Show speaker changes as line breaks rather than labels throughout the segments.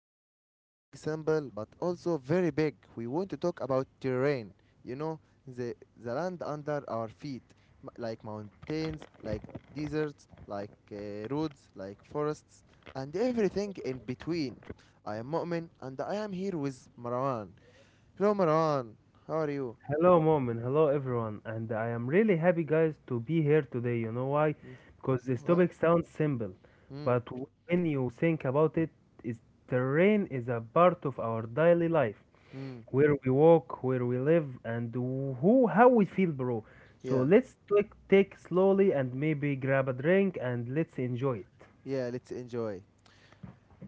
about something simple but also very big. We want to talk about terrain. You know, the land under our feet, like mountains, like deserts, like roads, like forests, and everything in between. I am Mu'min and I am here with Marwan. Hello Marwan, how are you?
Hello, mom, and hello, everyone. And I am really happy, guys, to be here today. You know why?
Mm,
Because this
what?
topic sounds simple,
Mm,
but when you think about it, it's, terrain is a part of our daily life,
mm,
where we walk, where we live, and who how we feel, bro. So
yeah,
let's take slowly and maybe grab a drink and let's enjoy it.
yeah. Let's enjoy.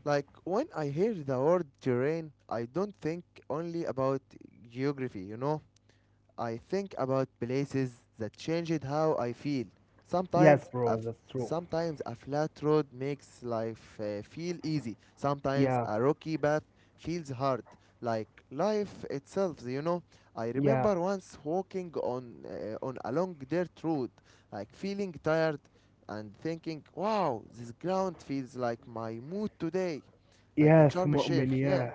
Like when I hear the word terrain, I don't think only about geography. I think about places that changed how I feel.
Yes,
Sometimes a
bro,
f-
that's true.
Sometimes a flat road makes life feel easy. Sometimes
Yeah,
a rocky path feels hard, like life itself. I
yeah.
remember once walking on a long dirt road, like feeling tired and thinking, "Wow, this ground feels like my mood today." Like in
Yes,
Sharm el
Mu'min,
Sheikh, yeah.
yeah.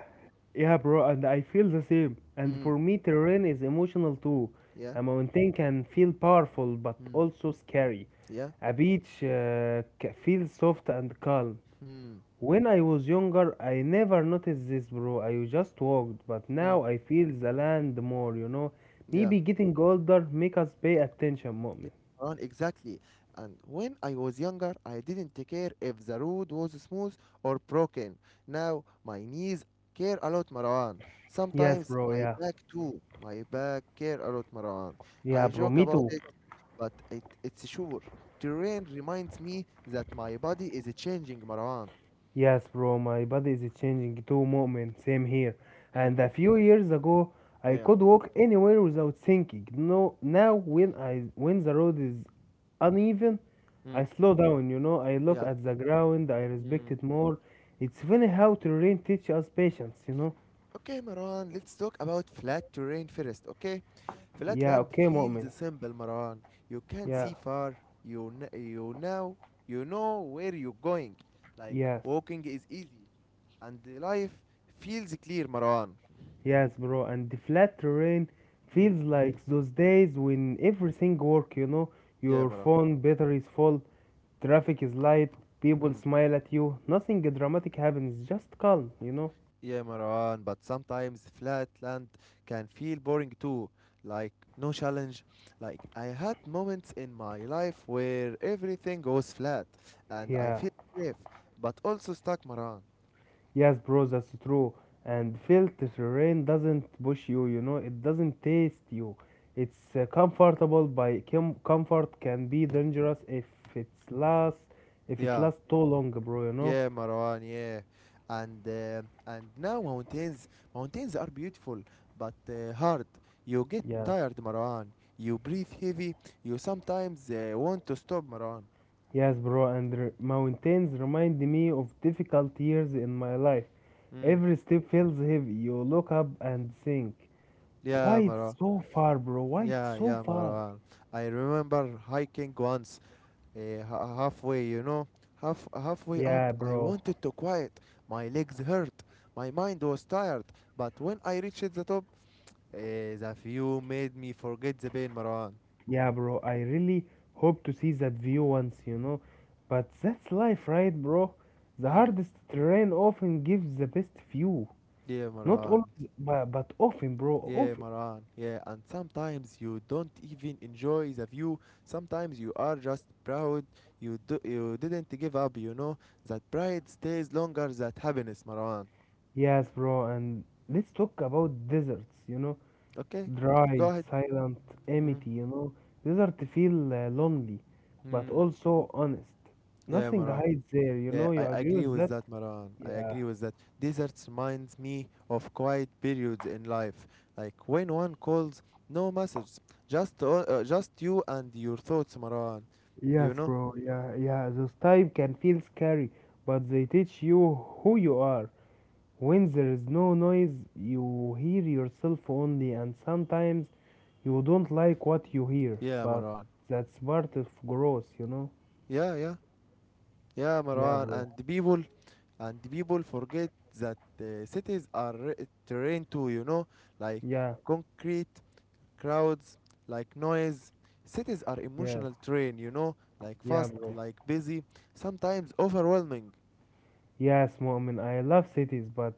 Yeah, bro, and I feel the same. And
Mm,
for me, terrain is emotional too.
yeah.
A mountain can feel powerful but
Mm,
also scary.
yeah.
A beach feels soft and calm.
Mm,
When I was younger, I never noticed this, bro. I just walked, but
mm,
now I feel the land more.
yeah.
Maybe getting older make us pay attention,
They
Mu'min.
run exactly. And when I was younger, I didn't care if the road was smooth or broken. Now my knees care a lot, Marwan.
Yes,
Sometimes
bro,
my
yeah.
back too. My back care a lot, Marwan.
Yeah,
I
bro,
joke
me
about
too.
it, but it's sure. Terrain reminds me that my body is changing, Marwan.
Yes, bro, my body is changing too, moment. Same here.
Mm.
And a few years ago, I
Yeah.
could walk anywhere without thinking. No, now when the road is uneven,
Mm.
I slow down. I look
Yeah.
at the ground. I respect
Mm.
it more. It's funny how terrain teaches us patience.
Okay, Marwan, let's talk about flat terrain first, okay?
Yeah.
Flatland
Okay, moment.
feels simple, Marwan. You can
Yeah.
see far. You know you know where you're going. Like
Yes.
walking is easy, and the life feels clear, Marwan.
Yes, bro, and the flat terrain
Mm.
feels like those days when everything work,
Yeah,
your
Marwan.
phone battery is full, traffic is light, people
Mm.
smile at you, nothing dramatic happens, just calm, you know?
Yeah, Marwan. But sometimes flatland can feel boring too. Like no challenge. Like I had moments in my life where everything goes flat, and I
Yeah,
feel safe, but also stuck, Marwan.
yes, bro, that's true. And felt terrain doesn't push you, it doesn't taste you. It's comfortable by comfort can be dangerous if it's last if it
Yeah.
lasts too long, bro, you know?
Yeah, Marwan. Yeah, and now mountains are beautiful, but hard. You get
Yeah.
tired, Marwan. You breathe heavy. You sometimes want to stop, Marwan.
Yes, bro, and mountains remind me of difficult years in my life.
Mm.
Every step feels heavy. You look up and think, why
Yeah,
it's
Marwan.
so far, bro? Why it's
Yeah,
so
yeah,
far?
Marwan. I remember hiking once, halfway. Halfway up,
Yeah,
I
bro.
wanted to quiet. My legs hurt. My mind was tired. But when I reached the top, uh, the view made me forget the pain, Marwan.
Yeah, bro. I really hope to see that view once. But that's life, right, bro? The
Mm.
hardest terrain often gives the best view.
Yeah,
Not
Maran.
always, but often, bro.
Yeah,
Often.
Maran. Yeah, and sometimes you don't even enjoy the view. Sometimes you are just proud. You didn't give up. You know that pride stays longer than happiness, Maran.
Yes, bro. And let's talk about deserts.
Okay, go
Dry,
ahead.
silent,
Mm.
empty. Desert feel lonely, but
Mm.
also honest.
Yeah,
Nothing
Maran.
hides there, you
Yeah,
know.
I
You agree
agree
with
with
that?
that, Maran. I
Yeah.
agree with that. Deserts reminds me of quiet periods in life, like when one calls, no message, just you and your thoughts, Maran. You
Yes,
know?
bro. Yeah, yeah. Those type can feel scary, but they teach you who you are. When there is no noise, you hear yourself only, and sometimes you don't like what you hear,
Yeah,
but
Maran.
that's part of growth, you know?
Yeah, yeah, yeah,
Yeah,
Marwan.
bro.
And the people forget that terrain too, you know, like
Yeah,
concrete, crowds, like noise. Cities are
yeah,
emotional terrain, you know, like
yeah,
fast,
bro.
like busy, sometimes overwhelming.
Yes, Mu'min, I love cities, but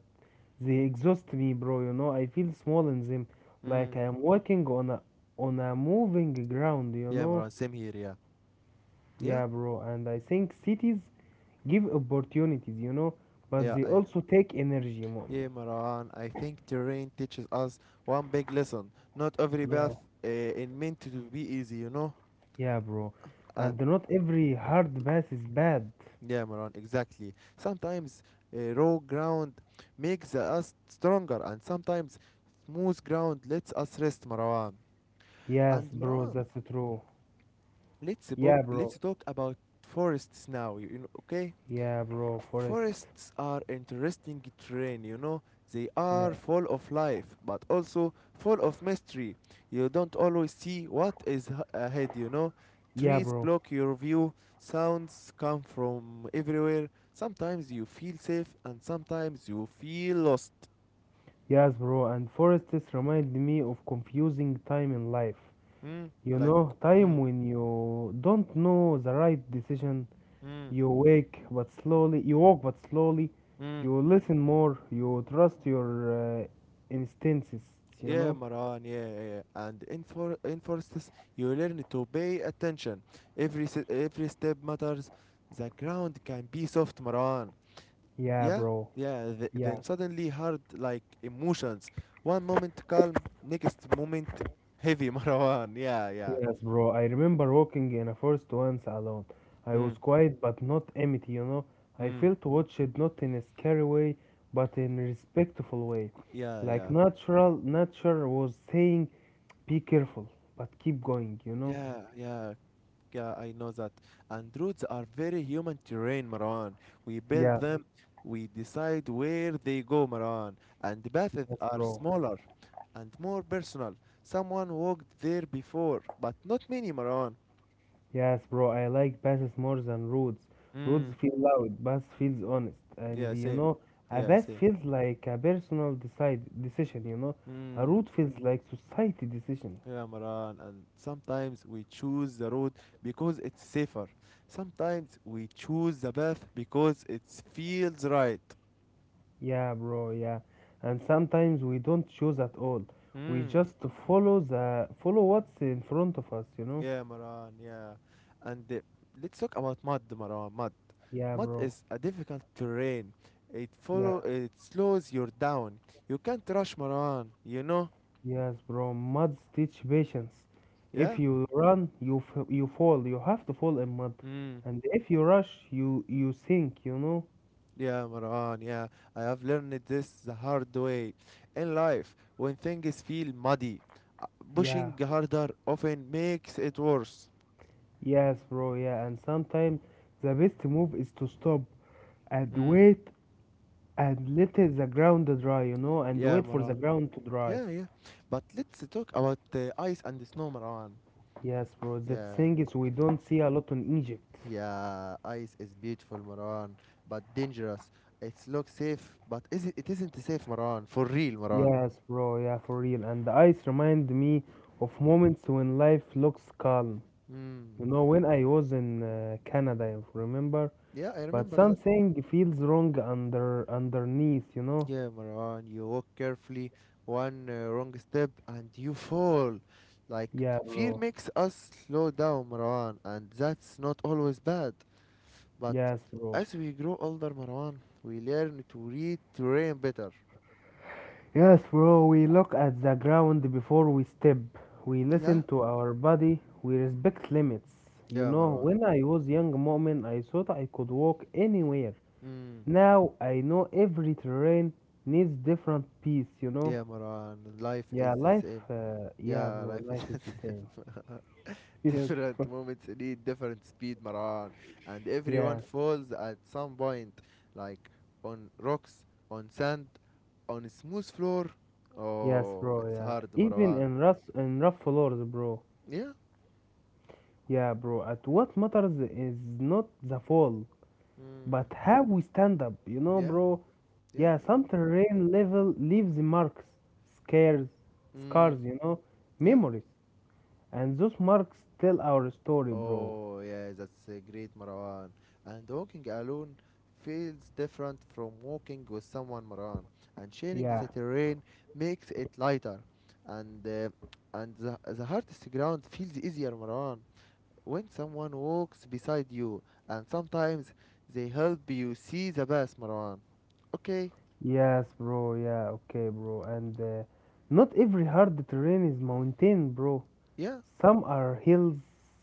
they exhaust me, bro. I feel small in them,
Mm.
like I am walking on a moving ground.
Yeah, Marwan, same here, yeah. Yeah?
Yeah, bro. And I think cities give opportunities, but
Yeah,
they
I.
also take energy, Mu'min.
Yeah, Marwan, I think terrain teaches us one big lesson. Not every
Yeah,
path is meant to be easy, you know?
yeah, bro. And
And
not every hard pass is bad.
Yeah, Maran, exactly. Sometimes raw ground makes us stronger, and sometimes smooth ground lets us rest, Marwan.
Yes,
And
bro,
Marwan,
that's true. Yeah, bro.
let's talk about forests now. You know, okay?
Yeah, bro, Forest.
Forests are interesting terrain, you know. They
Yeah,
are full of life, but also full of mystery. You don't always see what is h- ahead, you know.
yeah,
Trees
bro.
block your view, sounds come from everywhere. Sometimes you feel safe, and sometimes you feel lost.
Yes, bro, and forests remind me of confusing time in life.
Hmm? Like,
Time
mm,
when you don't know the right decision,
mm,
you wake but slowly, you walk but slowly,
mm.
you listen more, you trust your instincts, you
Yeah,
know?
Maran, yeah, yeah. Yeah. And in forests, you learn to pay attention. Every step matters. The ground can be soft, Maran.
Yeah,
Yeah?
bro.
Yeah,
Yeah.
then suddenly hard, like emotions. One moment calm, next moment heavy, Maran. Yeah, yeah.
Yes, bro. I remember walking in a forest once alone. I
Mm,
was quiet but not empty. I
mm.
felt watched not in a scary way, but in a respectful way.
Yeah,
Like
yeah.
natural nature was saying, be careful, but keep going, you know?
Yeah, yeah. Yeah, I know that. And roads are very human terrain, Marwan. We build
Yeah.
them, we decide where they go, Marwan. And paths
Yes,
are
bro.
smaller and more personal. Someone walked there before, but not many, Marwan.
Yes, bro. I like passes more than roads. Roads
Mm,
feel loud, bus feels honest. And
yeah, same.
a
Yeah,
bus
same.
feels like a personal decide decision, you know. A
Mm,
route feels like society decision.
yeah, Marwan. And sometimes we choose the road because it's safer. Sometimes we choose the path because it feels right.
Yeah, bro, yeah. And sometimes we don't choose at all. We
Mm.
just follow what's in front of us, you know?
Yeah, Maran, yeah. And let's talk about mud, Maran. Mud.
Yeah,
Mud
bro.
is a difficult terrain. It
Yeah.
follow it slows you down. You can't rush, Maran, you know?
Yes, bro. Muds teach patience. If
Yeah?
you run, you fall. You have to fall in mud.
Mm.
And if you rush, you sink, you know?
Yeah, Maran, yeah. I have learned this the hard way. In life, when things feel muddy, uh,
Yeah.
pushing harder often makes it worse.
Yes, bro. Yeah. And sometimes the best move is to stop and
Mm.
wait and the ground dry, and
Yeah,
wait for the
Maran.
ground to dry.
Yeah, yeah. But let's talk about the ice and the snow, Maran.
Yes, bro. That
Yeah.
thing is we don't see a lot in Egypt.
Yeah, ice is beautiful, Maran, but dangerous. It looks safe, but it isn't safe, Maran. For real, Maran.
Yes, bro. Yeah, for real. And the ice remind me of moments when life looks calm.
Mm.
When I was in Canada, I remember.
Yeah, I
But
remember that.
something feels wrong underneath. You know?
Yeah, Maran, you walk carefully, one wrong step, and you fall. Like,
Yeah,
fear
bro.
makes us slow down, Marwan, and that's not always bad. But
Yes, bro.
as we grow older, Marwan, we learn to read terrain better.
Yes, bro. We look at the ground before we step. We listen
Yeah?
to our body. We respect limits.
Yeah, Marwan.
When I was young, moment, I thought I could walk anywhere.
Mm.
Now I know every terrain needs different piece, you know?
Yeah, Marwan. Life
Yeah,
is the same.
yeah,
Yeah,
bro,
life is
life is the same. Yes,
different
bro.
moments need different speed, Maran. And everyone
Yeah,
falls at some point, like on rocks, on sand, on a smooth floor.
yes,
Oh,
bro,
it's
yeah.
hard,
Even
Maran.
in rough floors, bro.
Yeah.
Yeah, bro, at what matters is not the fall,
Mm.
but how we stand up, you know,
Yeah.
bro? Yeah,
Yeah.
some
Yeah.
terrain level leaves marks, scares, scars,
Mm. Yeah.
memories. And those marks tell our story, bro.
Oh, yeah, that's a great, Marwan. And walking alone feels different from walking with someone, Marwan. And sharing
Yeah.
the terrain makes it lighter. And uh, and the hardest ground feels easier, Marwan. When someone walks beside you, and sometimes they help you see the best, Marwan. Okay,
Yes, bro. Yeah, okay, bro. And not every hard terrain is mountain, bro.
yeah.
Some are hills,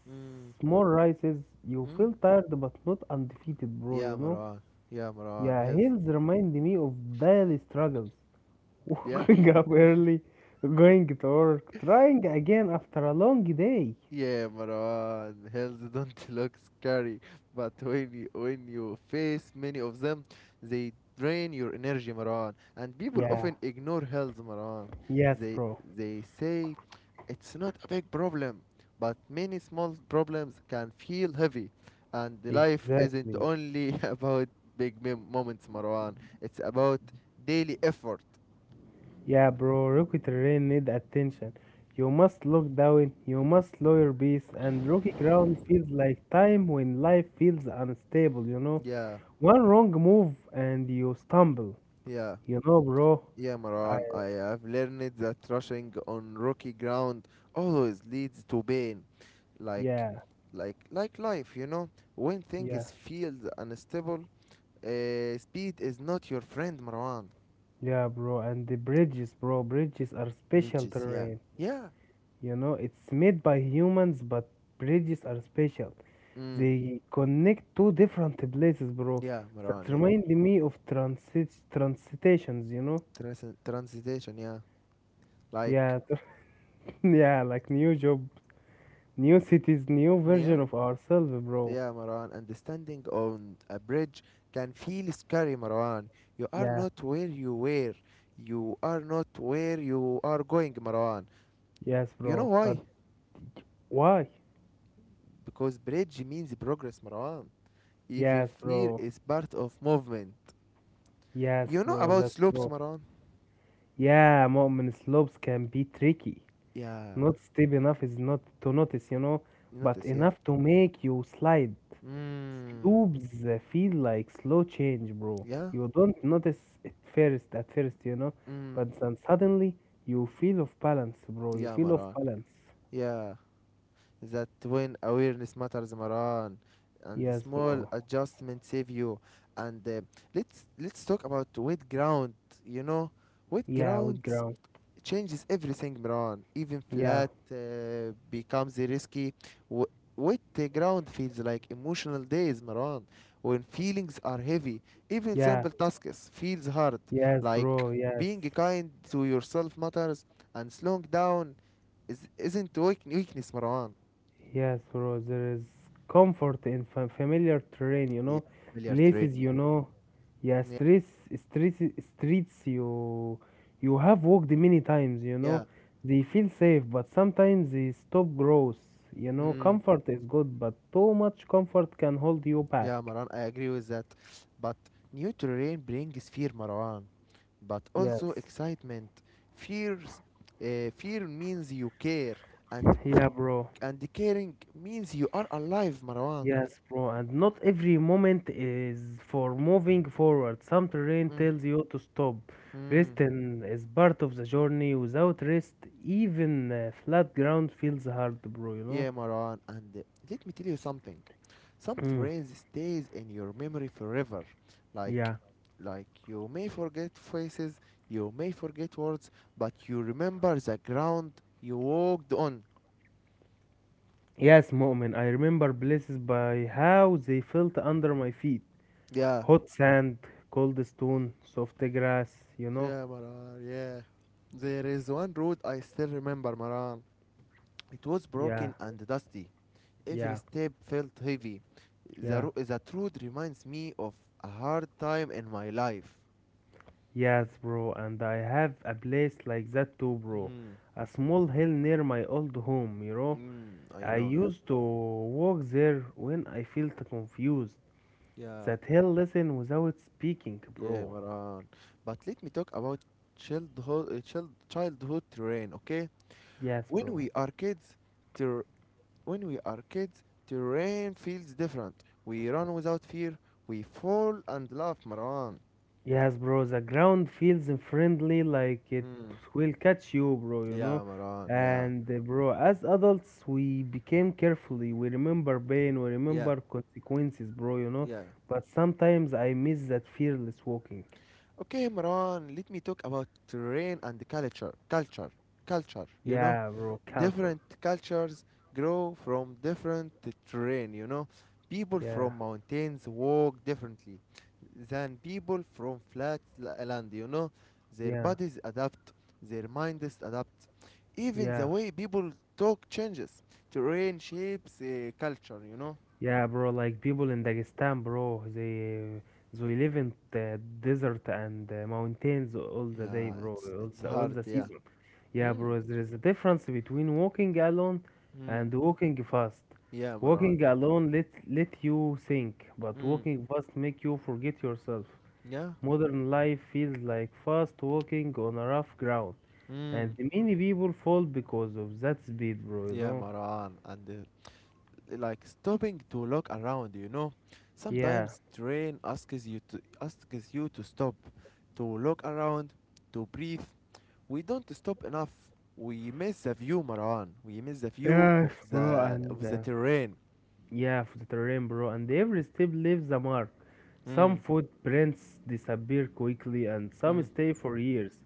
Mm,
small rises. You
mm.
feel tired but not undefeated, bro, you
Yeah,
know?
Marwan. Yeah, Marwan.
Yeah,
Health.
hills remind me of daily struggles.
Yeah.
Waking up early, going to work, trying again after a long day.
Yeah, Marwan, hills don't look scary, but when you face many of them, they drain your energy, Marwan. And people
Yeah,
often ignore hills, Marwan.
yes,
They
bro.
they say it's not a big problem, but many small problems can feel heavy. And the life isn't
Exactly.
only about big mem moments, Marwan. It's about daily effort.
Yeah, bro, rocky terrain need attention. You must look down, you must lower your beast, and rocky ground feels like time when life feels unstable, you know?
Yeah,
One wrong move and you stumble,
yeah.
you know, bro?
Yeah,
I,
Maran, I have learned that rushing on rocky ground always leads to pain. Like,
yeah,
like life, you know. When
yeah,
things feel unstable, speed is not your friend, Maran.
yeah, bro, and the bridges, bro, bridges are special
Bridges, yeah,
terrain.
yeah,
It's made by humans, but bridges are special.
mm,
They connect two different places, bro.
yeah,
That
Maran, yeah.
remind me of transitations, you know?
Trans- transition, yeah. Like,
Yeah, yeah, like new job, new cities, new
mm, yeah,
version of ourselves, bro.
yeah, Marwan, and standing on a bridge can feel scary, Marwan. You are
Yeah,
not where you were. You are not where you are going, Marwan.
yes,
You know
bro.
why?
But why?
Because bridge means progress, Marwan. Even
Yes,
fear
bro.
is part of movement.
Yes,
You know
bro.
about
That's
slopes,
bro.
Marwan?
Yeah, moment slopes can be tricky.
Yeah.
Not steep enough is not to notice,
You
but
notice, yeah?
enough to make you slide.
Mm.
Slopes feel like slow change, bro.
Yeah?
You don't notice it first at first, you know,
Mm.
but then suddenly you feel off balance, bro. You
Yeah,
feel off
Marwan.
balance.
Yeah. That when awareness matters Maran, and
Yes,
small
bro.
adjustment save you, and let's talk about wet ground, you know, wet
Yeah, with
ground
ground.
changes everything Maran, even
Yeah,
flat becomes risky. w- Wet ground feels like emotional days Maran, when feelings are heavy, even
yeah,
simple tasks feels hard,
yes,
like
bro. Yes,
being kind to yourself matters, and slowing down isn't weakness Maran.
Yes, bro, there is comfort in familiar terrain,
Yeah, familiar terrain.
places you
Yeah,
know. Yeah,
yeah,
streets, streets you have walked many times.
yeah.
They feel safe, but sometimes they stop growth.
Mm,
Comfort is good, but too much comfort can hold you
yeah,
back.
Maran. I agree with that. But new terrain brings fear, Marwan, but also
Yes.
excitement. Fears, fear means you care, and
Yeah, bro.
and caring means you are alive, Marwan.
Yes, bro, and not every moment is for moving forward. Some terrain tells you to stop.
Hmm.
Rest and is part of the journey. Without rest, even flat ground feels hard, bro, you know?
Yeah, Maran, and let me tell you something. Some
Mm,
trains stays in your memory forever. Like
yeah.
like you may forget faces, you may forget words, but you remember the ground you walked on.
Yes, Mu'min, I remember places by how they felt under my feet.
Yeah.
Hot sand, cold stone, soft grass, you know?
Yeah, Maran, yeah. There is one road I still remember, Maran. It was
Yeah,
broken and dusty. Every
yeah,
step felt heavy.
yeah.
The road reminds me of a hard time in my life.
Yes, bro, and I have a place like that too, bro.
Hmm.
A small hill near my old home.
Mm, I
I
know, yeah.
used to walk there when I felt confused.
Yeah,
That hill listen without speaking,
yeah,
bro.
Maran. But let me talk about childhood terrain, okay?
Yes,
When
bro.
we are kids, ter terrain feels different. We run without fear, we fall and laugh, Maran.
Yes, bro, the ground feels friendly like it
Mm.
will catch you, bro.
Yeah, Maran. Yeah,
And bro, as adults, we became carefully. We remember pain, we
yeah,
remember consequences, bro.
yeah.
But sometimes I miss that fearless walking.
Okay, Imran, let me talk about terrain and culture. Culture, you know?
Yeah, bro, culture.
Different cultures grow from different terrain, you know? People
Yeah,
from mountains walk differently than people from land, you know? Their
yeah,
bodies adapt, their minds adapt. Even the
yeah,
way people talk changes. Terrain shapes culture, you know?
yeah, bro. Like people in Dagestan, bro, they live in the desert and mountains all the day,
Yeah,
bro, all
it's
the all
hard,
the
yeah.
season. Yeah,
Mm.
bro. There is a difference between walking alone
Mm.
and walking fast.
Yeah, Imran,
Walking
yeah.
alone let you think, but
Mm.
walking fast make you forget yourself.
Yeah.
Modern life feels like fast walking on a rough ground,
Mm.
and many people fall because of that speed, bro. You
Yeah,
know?
Maran. And like stopping to look around, you know.
Yeah,
Sometimes train asks you to stop, to look around, to breathe. We don't stop enough. We miss the view, Maran. We miss the view
yes,
of
bro, and
the terrain.
yeah, for the terrain, bro, and every step leaves a mark. Some
Mm.
footprints disappear quickly, and some
Mm.
stay for years.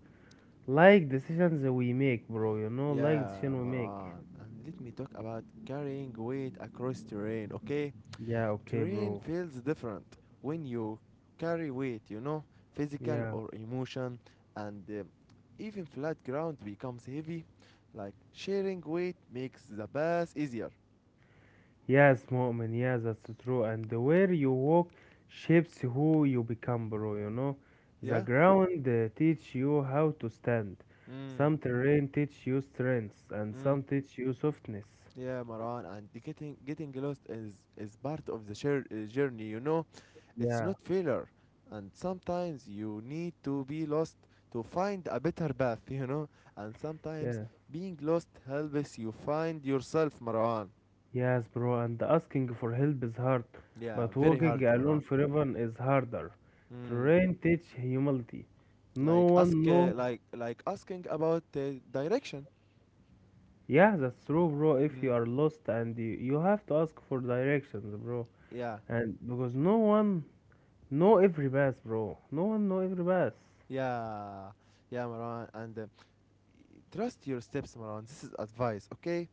Like decisions that we make, bro, like
Yeah,
decision we make.
Maran. And let me talk about carrying weight across terrain, okay?
Yeah, okay,
Terrain
bro.
feels different when you carry weight, you know, physical
Yeah,
or emotion, and even flat ground becomes heavy. Like sharing weight makes the pass easier.
yes, Mu'min, yeah, that's true. And the where you walk shapes who you become, bro. The
Yeah.
ground teach you how to stand.
Mm.
Some terrain teach you strength, and
Mm.
some teach you softness.
Yeah, Maran, and the getting lost is part of the journey. You know, it's
Yeah,
not failure, and sometimes you need to be lost to find a better path. You know, and sometimes
yeah,
being lost helps you find yourself, Maran.
yes, bro. And asking for help is hard,
Yeah,
but
very
walking
hard,
alone
Maran.
forever is harder.
Mm.
Terrain teach humility. No
Like ask,
one know.
uh, like like asking about direction.
Yeah, that's true, bro. If you
Mm.
are lost and you have to ask for directions, bro.
Yeah,
And because no one know every path, bro. No one know every path.
yeah, yeah, Maran. And Trust your steps, Maran. This is advice, okay?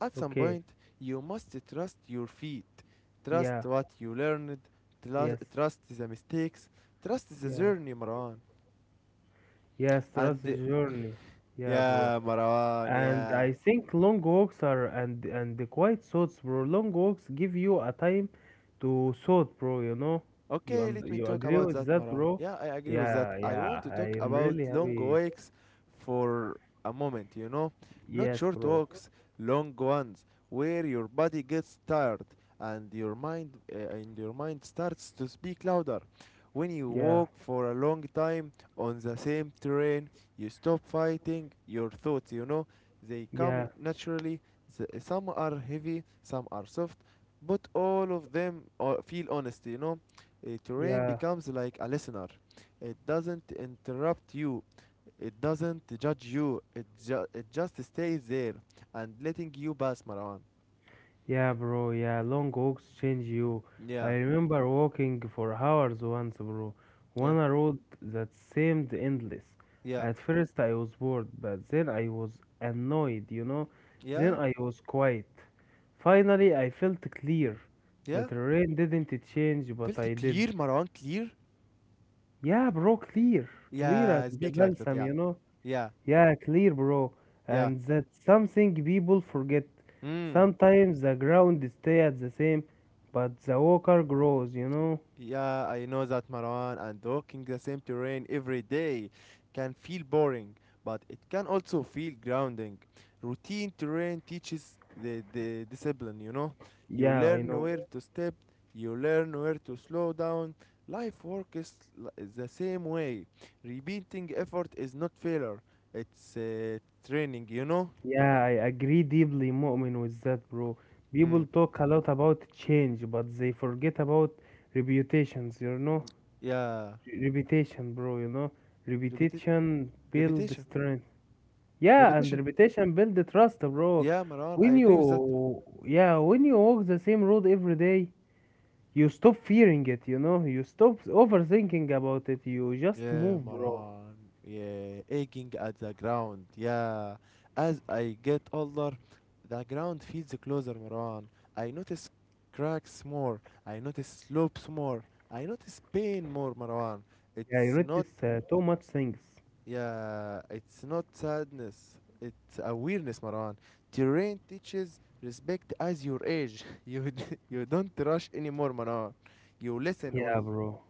At some
Okay.
point, you must trust your feet, trust
Yeah.
what you learned, trust,
Yes.
trust the mistakes, trust the
Yeah.
journey, Maran.
Yes. Trust
And
the journey. Yeah, bro.
Yeah, Maran.
And
Yeah,
I think long walks are and the quiet thoughts, bro. Long walks give you a time to thought, bro. You know, you
okay,
und-
let me
you
talk
agree
about
with
that,
that,
Maran.
bro?
Yeah, I agree with that.
Yeah,
I
yeah.
want to
I
talk
am
about
really
long
happy.
walks for a moment, you know? Not
Yes,
short
bro.
walks, long ones, where your body gets tired and your mind starts to speak louder. When you
Yeah,
walk for a long time on the same terrain, you stop fighting your thoughts, you know? They come
yeah,
naturally. The, some are heavy, some are soft, but all of them feel honest, you know? Terrain
yeah.
becomes like a listener. It doesn't interrupt you, it doesn't judge you, it just stays there and letting you pass, Marwan.
Yeah, bro, yeah, long walks change you. I
Yeah,
remember walking for hours once, bro,
yeah,
on a road that seemed endless.
yeah,
At first, I was bored, but then I was annoyed, you know? Then
yeah,
I was quiet. Finally, I felt clear. The
yeah.
terrain didn't change, but I
Felt
did.
clear, Marwan, clear?
Yeah, bro, clear. Clear as
Yeah,
the
speak like that,
balsam, you know?
yeah,
Yeah, clear, bro.
yeah.
And that's something people forget.
Mm.
Sometimes the ground stay at the same, but the walker grows, you know?
Yeah, I know that, Marwan, and walking the same terrain every day can feel boring, but it can also feel grounding. Routine terrain teaches the discipline, you know. You
Yeah, I
learn
know.
where to step, you learn where to slow down. Life works the same way. Repeating effort is not failure, it's training, you know.
Yeah, I agree deeply, Mu'min, with that, bro.
Mm.
People talk a lot about change, but they forget about reputations, you know?
Yeah.
Reputation, bro, you know?
Repeti-
Reputation build
repetition,
strength. Yeah, and
repetition.
reputation build the trust, bro.
Yeah, Marwan, I
When
agree with that.
you, yeah, when you walk the same road every day, you stop fearing it, you know. You stop overthinking about it. You just
Yeah,
move, bro.
Maran. Yeah, aching at the ground. Yeah. As I get older, the ground feels closer, Maran. I notice cracks more. I notice slopes more. I notice pain more, Maran.
Yeah, you
It's not,
notice too much things.
Yeah, it's not sadness. It's awareness, Maran. Terrain teaches respect as your age. You you don't rush anymore, Maran. You listen
Yeah,
only.
bro.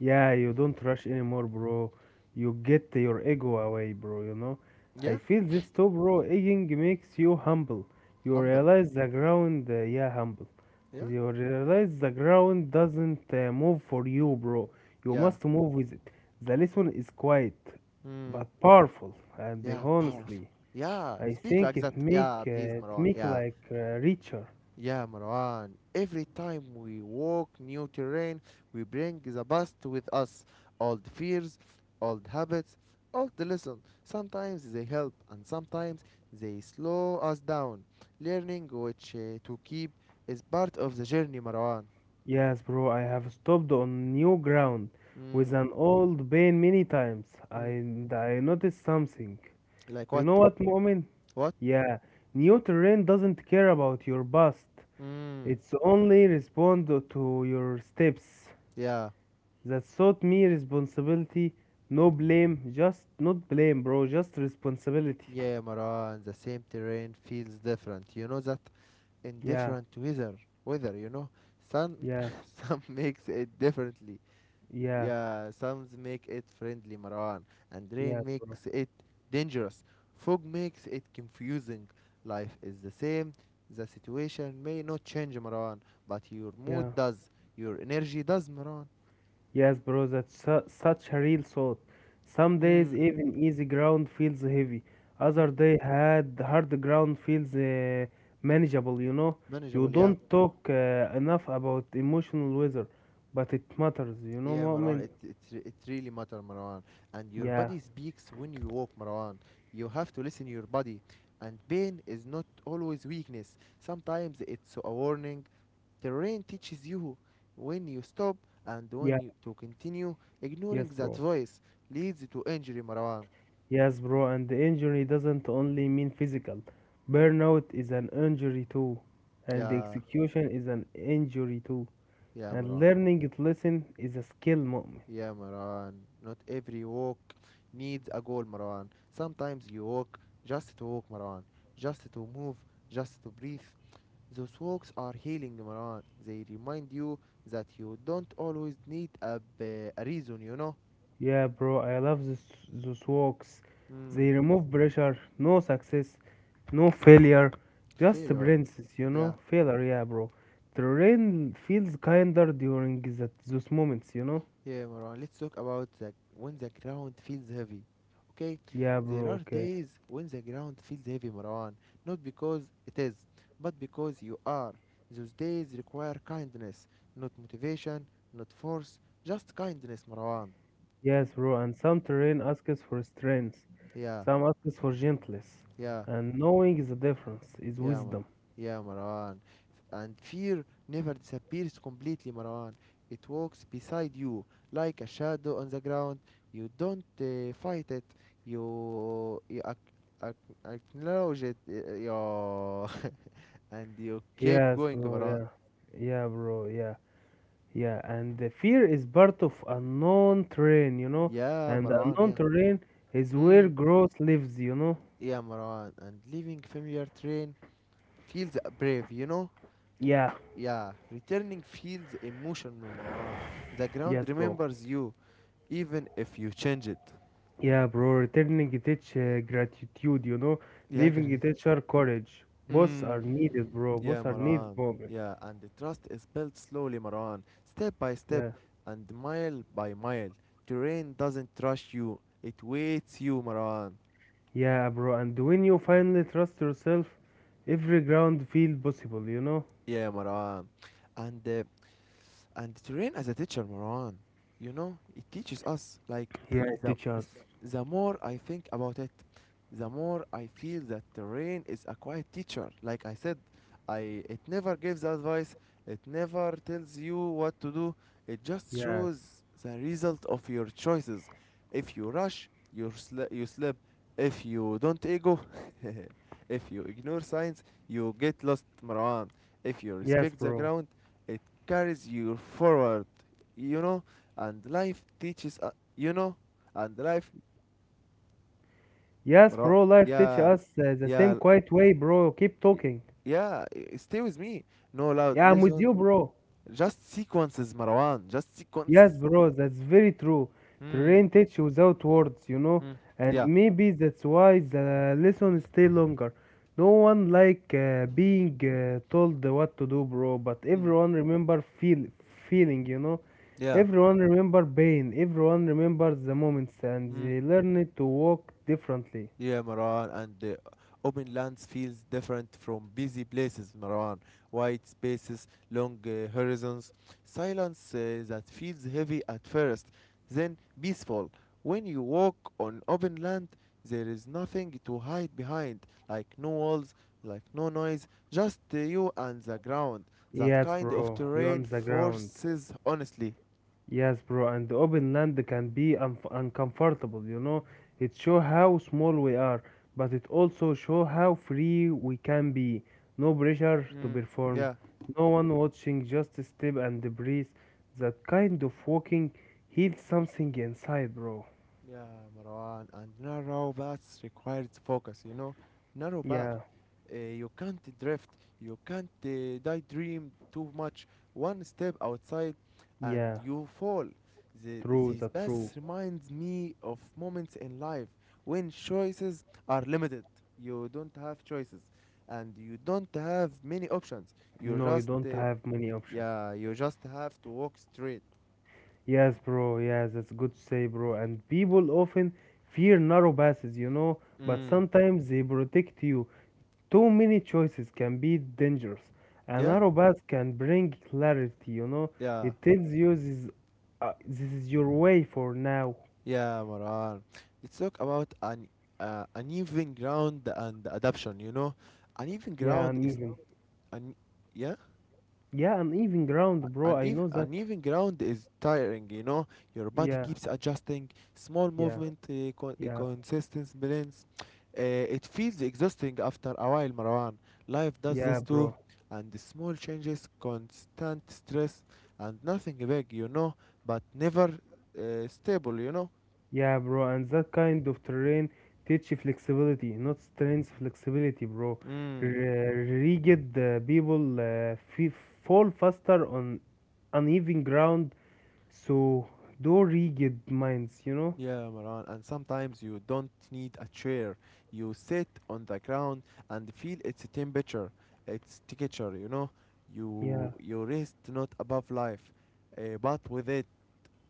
Yeah, you don't rush anymore, bro. You get your ego away, bro, you know. I
Yeah,
feel this too, bro. Egging makes you humble. You
humble.
realize the ground, yeah, humble.
Yeah,
You realize the ground doesn't move for you, bro. You
yeah.
must move with it. The lesson is quiet,
Hmm.
but powerful, and
Yeah, powerful.
honestly.
Yeah,
I
speak like
think
that.
it make
Yeah, please, Marwan. Yeah,
richer.
yeah, Marwan. Every time we walk new terrain, we bring the past with us. Old fears, old habits, old lessons. Sometimes they help, and sometimes they slow us down. Learning which to keep is part of the journey, Marwan.
Yes, bro, I have stopped on new ground with
Mm,
an old pain many times,
mm.
and I noticed something.
Like
You
what?
know what, Mu'min?
What?
Yeah, new terrain doesn't care about your past.
Mm.
It's only respond to your steps.
Yeah,
That taught me responsibility, no blame, just not blame, bro, just responsibility.
yeah, Marwan. The same terrain feels different. You know that? In
Yeah,
different weather, weather, you know, some,
yeah,
some makes it differently,
yeah,
yeah, some make it friendly, Marwan, and
yeah,
rain
bro.
makes it dangerous, fog makes it confusing. Life is the same. The situation may not change, Marwan, but your mood
Yeah.
does, your energy does, Marwan.
Yes, bro, that's such a real thought. Some days
Mm,
even easy ground feels heavy.
mm,
Other day had hard ground feels manageable, you know. You
manageable, yeah.
don't talk enough about emotional weather, but it matters, you know,
Yeah, Marwan,
Mu'min?
it really matter, Marwan. And your
Yeah,
body speaks when you walk, Marwan. You have to listen your body. And pain is not always weakness. Sometimes it's a warning. The rain teaches you when you stop and
yeah,
when you to continue. Ignoring
yes,
that
bro.
voice leads to injury, Marwan.
Yes, bro, and the injury doesn't only mean physical.
Mm?
Burnout is an injury too, and the
Yeah,
execution is an injury too.
yeah,
And
Marwan.
learning to listen is a skill, Mu'min.
Yeah, Marwan. Not every walk needs a goal, Marwan. Sometimes you walk just to walk, Marwan. Just to move, just to breathe. Those walks are healing, Maran. They remind you that you don't always need a reason, you know?
Yeah, bro, I love this, those walks.
Hmm,
They remove pressure, no success, no failure, just
failure.
brains, you
Yeah,
know? Failure, yeah, bro. The rain feels kinder during that, those moments, you know?
yeah, Maran. Let's talk about when the ground feels heavy. Okay?
Yeah,
There
bro,
are
okay.
days when the ground feels heavy, Marwan. Not because it is, but because you are. Those days require kindness, not motivation, not force, just kindness, Marwan.
Yes, bro, and some terrain asks for strength,
Yeah,
some asks for gentleness,
yeah.
and knowing the difference is
Yeah, Mar-
wisdom.
yeah, Marwan. And fear never disappears completely, Marwan. It walks beside you like a shadow on the ground. You don't fight it. You acknowledge it. Yeah, and you keep
Yes,
going,
bro,
Marwan.
yeah. Yeah, bro, yeah. Yeah, and the fear is part of unknown terrain, you know,
Yeah,
and
Marwan.
unknown
Yeah.
terrain is where
Mm.
growth lives, you know.
Yeah, Marwan. And leaving familiar train feels brave. You know.
Yeah,
Yeah. Returning feels emotional, Marwan. The ground
yes, bro.
remembers you, even if you change it.
Yeah, bro, returning teach gratitude, you know,
Yeah,
leaving
Garditi.
teacher courage. Both
Mm.
are needed, bro.
Yeah,
Both are needed
Marwan.
moment.
Yeah, and the trust is built slowly, Marwan, step by step
Yeah,
and mile by mile. Terrain doesn't rush you, it waits you, Marwan.
yeah, bro. And when you finally trust yourself, every ground feel possible, you know.
Yeah, Marwan. And uh, and train as a teacher, Marwan, you know, it teaches us, like,
Yeah,
the
teach us.
the more I think about it, the more I feel that the rain is a quiet teacher, like I said. I it never gives advice, it never tells you what to do, it just
Yes,
shows the result of your choices. If you rush, you slip. If you don't ego. If you ignore signs, you get lost, Marwan. If you
yes,
respect the
bro.
ground, it carries you forward, you know. And life teaches, you know, and life,
Yes,
Marwan.
bro, life teach
Yeah,
us the same
yeah,
quiet way, bro. Keep
y-
talking.
stay with me. No loud
Yeah, I'm with
listen,
you, bro.
just sequences, Marwan, just sequences.
Yes, bro, that's very true.
Hmm,
Terrain teach without words, you know,
hmm,
and
yeah,
maybe that's why the lesson stay longer. No one like being told what to do, bro, but
mm,
everyone remember feeling, you know.
yeah.
Everyone remember pain. Everyone remembers the moments, and they learn to walk differently.
Yeah, Marwan, and open lands feels different from busy places, Marwan. Wide spaces, long horizons, silence that feels heavy at first, then peaceful. When you walk on open land, there is nothing to hide behind, like no walls, like no noise, just you and the ground. That
Yes,
kind of
bro, you on
terrain
the ground.
forces, honestly.
Yes, bro, and the open land can be unf uncomfortable, you know. It show how small we are, but it also show how free we can be. No pressure to
Mm,
perform,
yeah.
no one watching, just step and breathe. That kind of walking heals something inside, bro.
Yeah, Marwan, and narrow paths required focus, you know. Narrow path.
Yeah,
You can't drift, you can't daydream too much. One step outside and
yeah,
you fall. The,
true,
these
the true.
paths reminds me of moments in life when choices are limited. You don't have choices and you don't have many options. You
No, you
just
don't
uh,
have many options.
yeah, you just have to walk straight.
Yes, bro, yes, that's good to say, bro. And people often fear narrow passes, you know, but
Mm.
sometimes they protect you. Too many choices can be dangerous. A
Yeah?
narrow path can bring clarity, you know.
Yeah.
It tells you this, this is your way for now.
Yeah, Maran. Let's talk about an uneven ground and adoption. You know, uneven
Yeah,
ground is
uneven.
un yeah,
Yeah, uneven ground, bro. I know that.
uneven ground is tiring. You know, your body
Yeah,
keeps adjusting. Small
yeah,
movement,
yeah,
consistent balance. It feels exhausting after a while, Marwan. Life does
yeah,
this too,
bro.
and the small changes, constant stress, and nothing big. You know, but never stable. You know.
Yeah, bro. And that kind of terrain teach you flexibility, not strength, flexibility, bro.
Mm.
Rigid people fall faster on uneven ground. So though rigid minds, you know?
Yeah, Maran, and sometimes you don't need a chair. You sit on the ground and feel its temperature, its texture, you know. You
Yeah,
you rest not above life, but with it,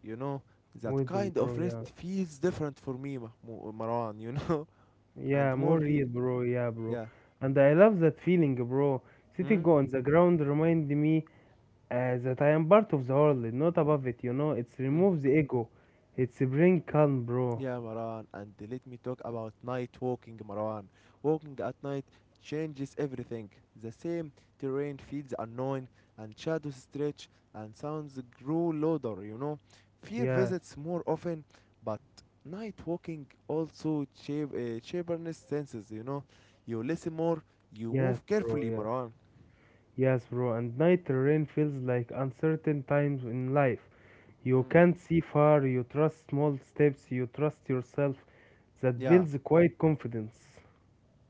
you know. That
within
kind of
bro,
rest
yeah.
feels different for me, Marwan, you know,
Yeah,
and more
more
real.
real bro, yeah bro.
Yeah.
And I love that feeling bro.
Mm?
Sitting on the ground remind me that I am part of the world, not above it, you know? It's removes the ego. It's bring calm bro.
Yeah, Maran, and let me talk about night walking, Maran. Walking at night changes everything. The same terrain feels unknown, and shadows stretch, and sounds grow louder, you know. Fear
Yeah,
visits more often, but night walking also sharpens senses, you know. You listen more, you
yes
move
bro,
carefully,
yeah.
Maran.
Yes bro, and night rain feels like uncertain times in life. You
Mm.
can't see far, you trust small steps, you trust yourself. That
Yeah.
builds quiet confidence.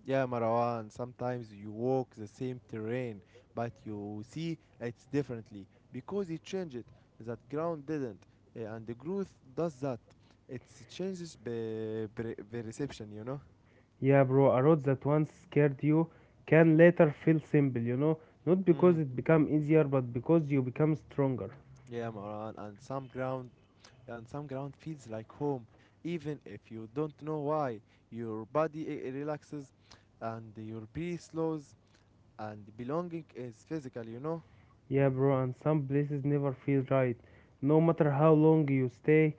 Yeah, Marwan, sometimes you walk the same terrain, but you see it's differently because it change. That ground didn't, and the growth does that. It changes the perception, you know.
Yeah, bro, a road that once scared you can later feel simple, you know, not
Mm.
because it become easier, but because you become stronger.
Yeah, Marwan, and some ground feels like home, even if you don't know why. Your body relaxes, and your breath slows, and belonging is physical, you know.
Yeah, bro, and some places never feel right. No matter how long you stay,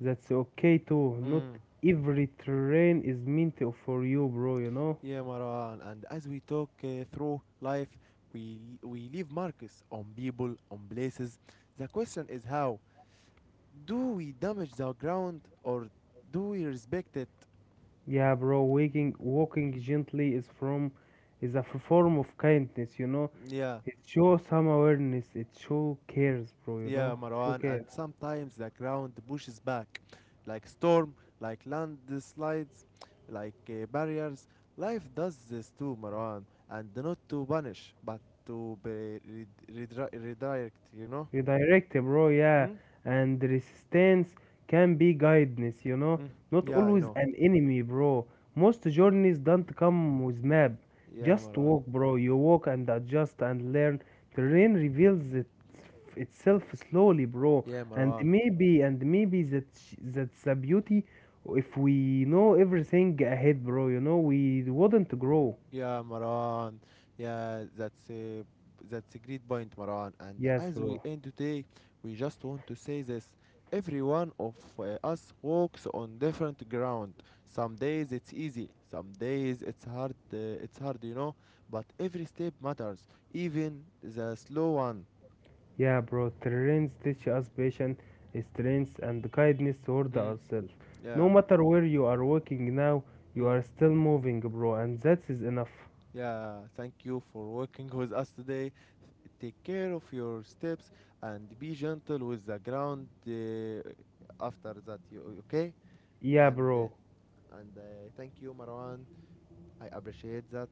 that's okay too. Not
Mm.
every terrain is for you, bro, you know?
Yeah, Maran. And as we talk through life, we leave marks on people, on places. The question is, how do we damage the ground or do we respect it?
Yeah, bro, walking gently is a form of kindness, you know?
Yeah,
It shows some awareness, it show cares, bro, you
yeah,
know? It show
Marwan. And
care.
sometimes the ground pushes back, like storm, like landslides, like barriers. Life does this too, Marwan, and not to punish, but to be redirect. You know?
Redirect, bro, yeah.
Hmm?
And resistance can be guidance, you know,
Mm.
not
Yeah, I
always
know.
an enemy, bro. Most journeys don't come with map.
Yeah,
Just
Maran.
walk, bro. You walk and adjust and learn. Terrain reveals itself slowly, bro.
Yeah,
And
Maran.
maybe, and maybe that's the beauty. If we know everything ahead, bro, you know, we wouldn't grow.
Yeah, Maran. Yeah, that's a great point, Maran. And
Yes,
as we
bro.
end today, we just want to say this: every one of us walks on different ground. Some days it's easy, some days it's hard. It's hard, you know. But every step matters, even the slow one.
Yeah, bro, terrains teach us patience, strength, and kindness toward
Mm,
ourselves. No
yeah.
matter where you are walking now, you
Mm,
are still moving, bro, and that is enough.
yeah. Thank you for working with us today. Take care of your steps and be gentle with the ground after that. You okay?
Yeah,
And
bro.
uh, and Thank you, Marwan. I appreciate that,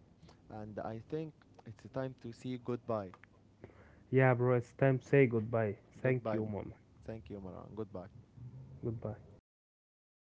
and I think it's time to say goodbye.
Yeah, bro, it's time to say goodbye. Thank
Goodbye.
you, mom.
Thank you, Marwan. Goodbye.
Goodbye.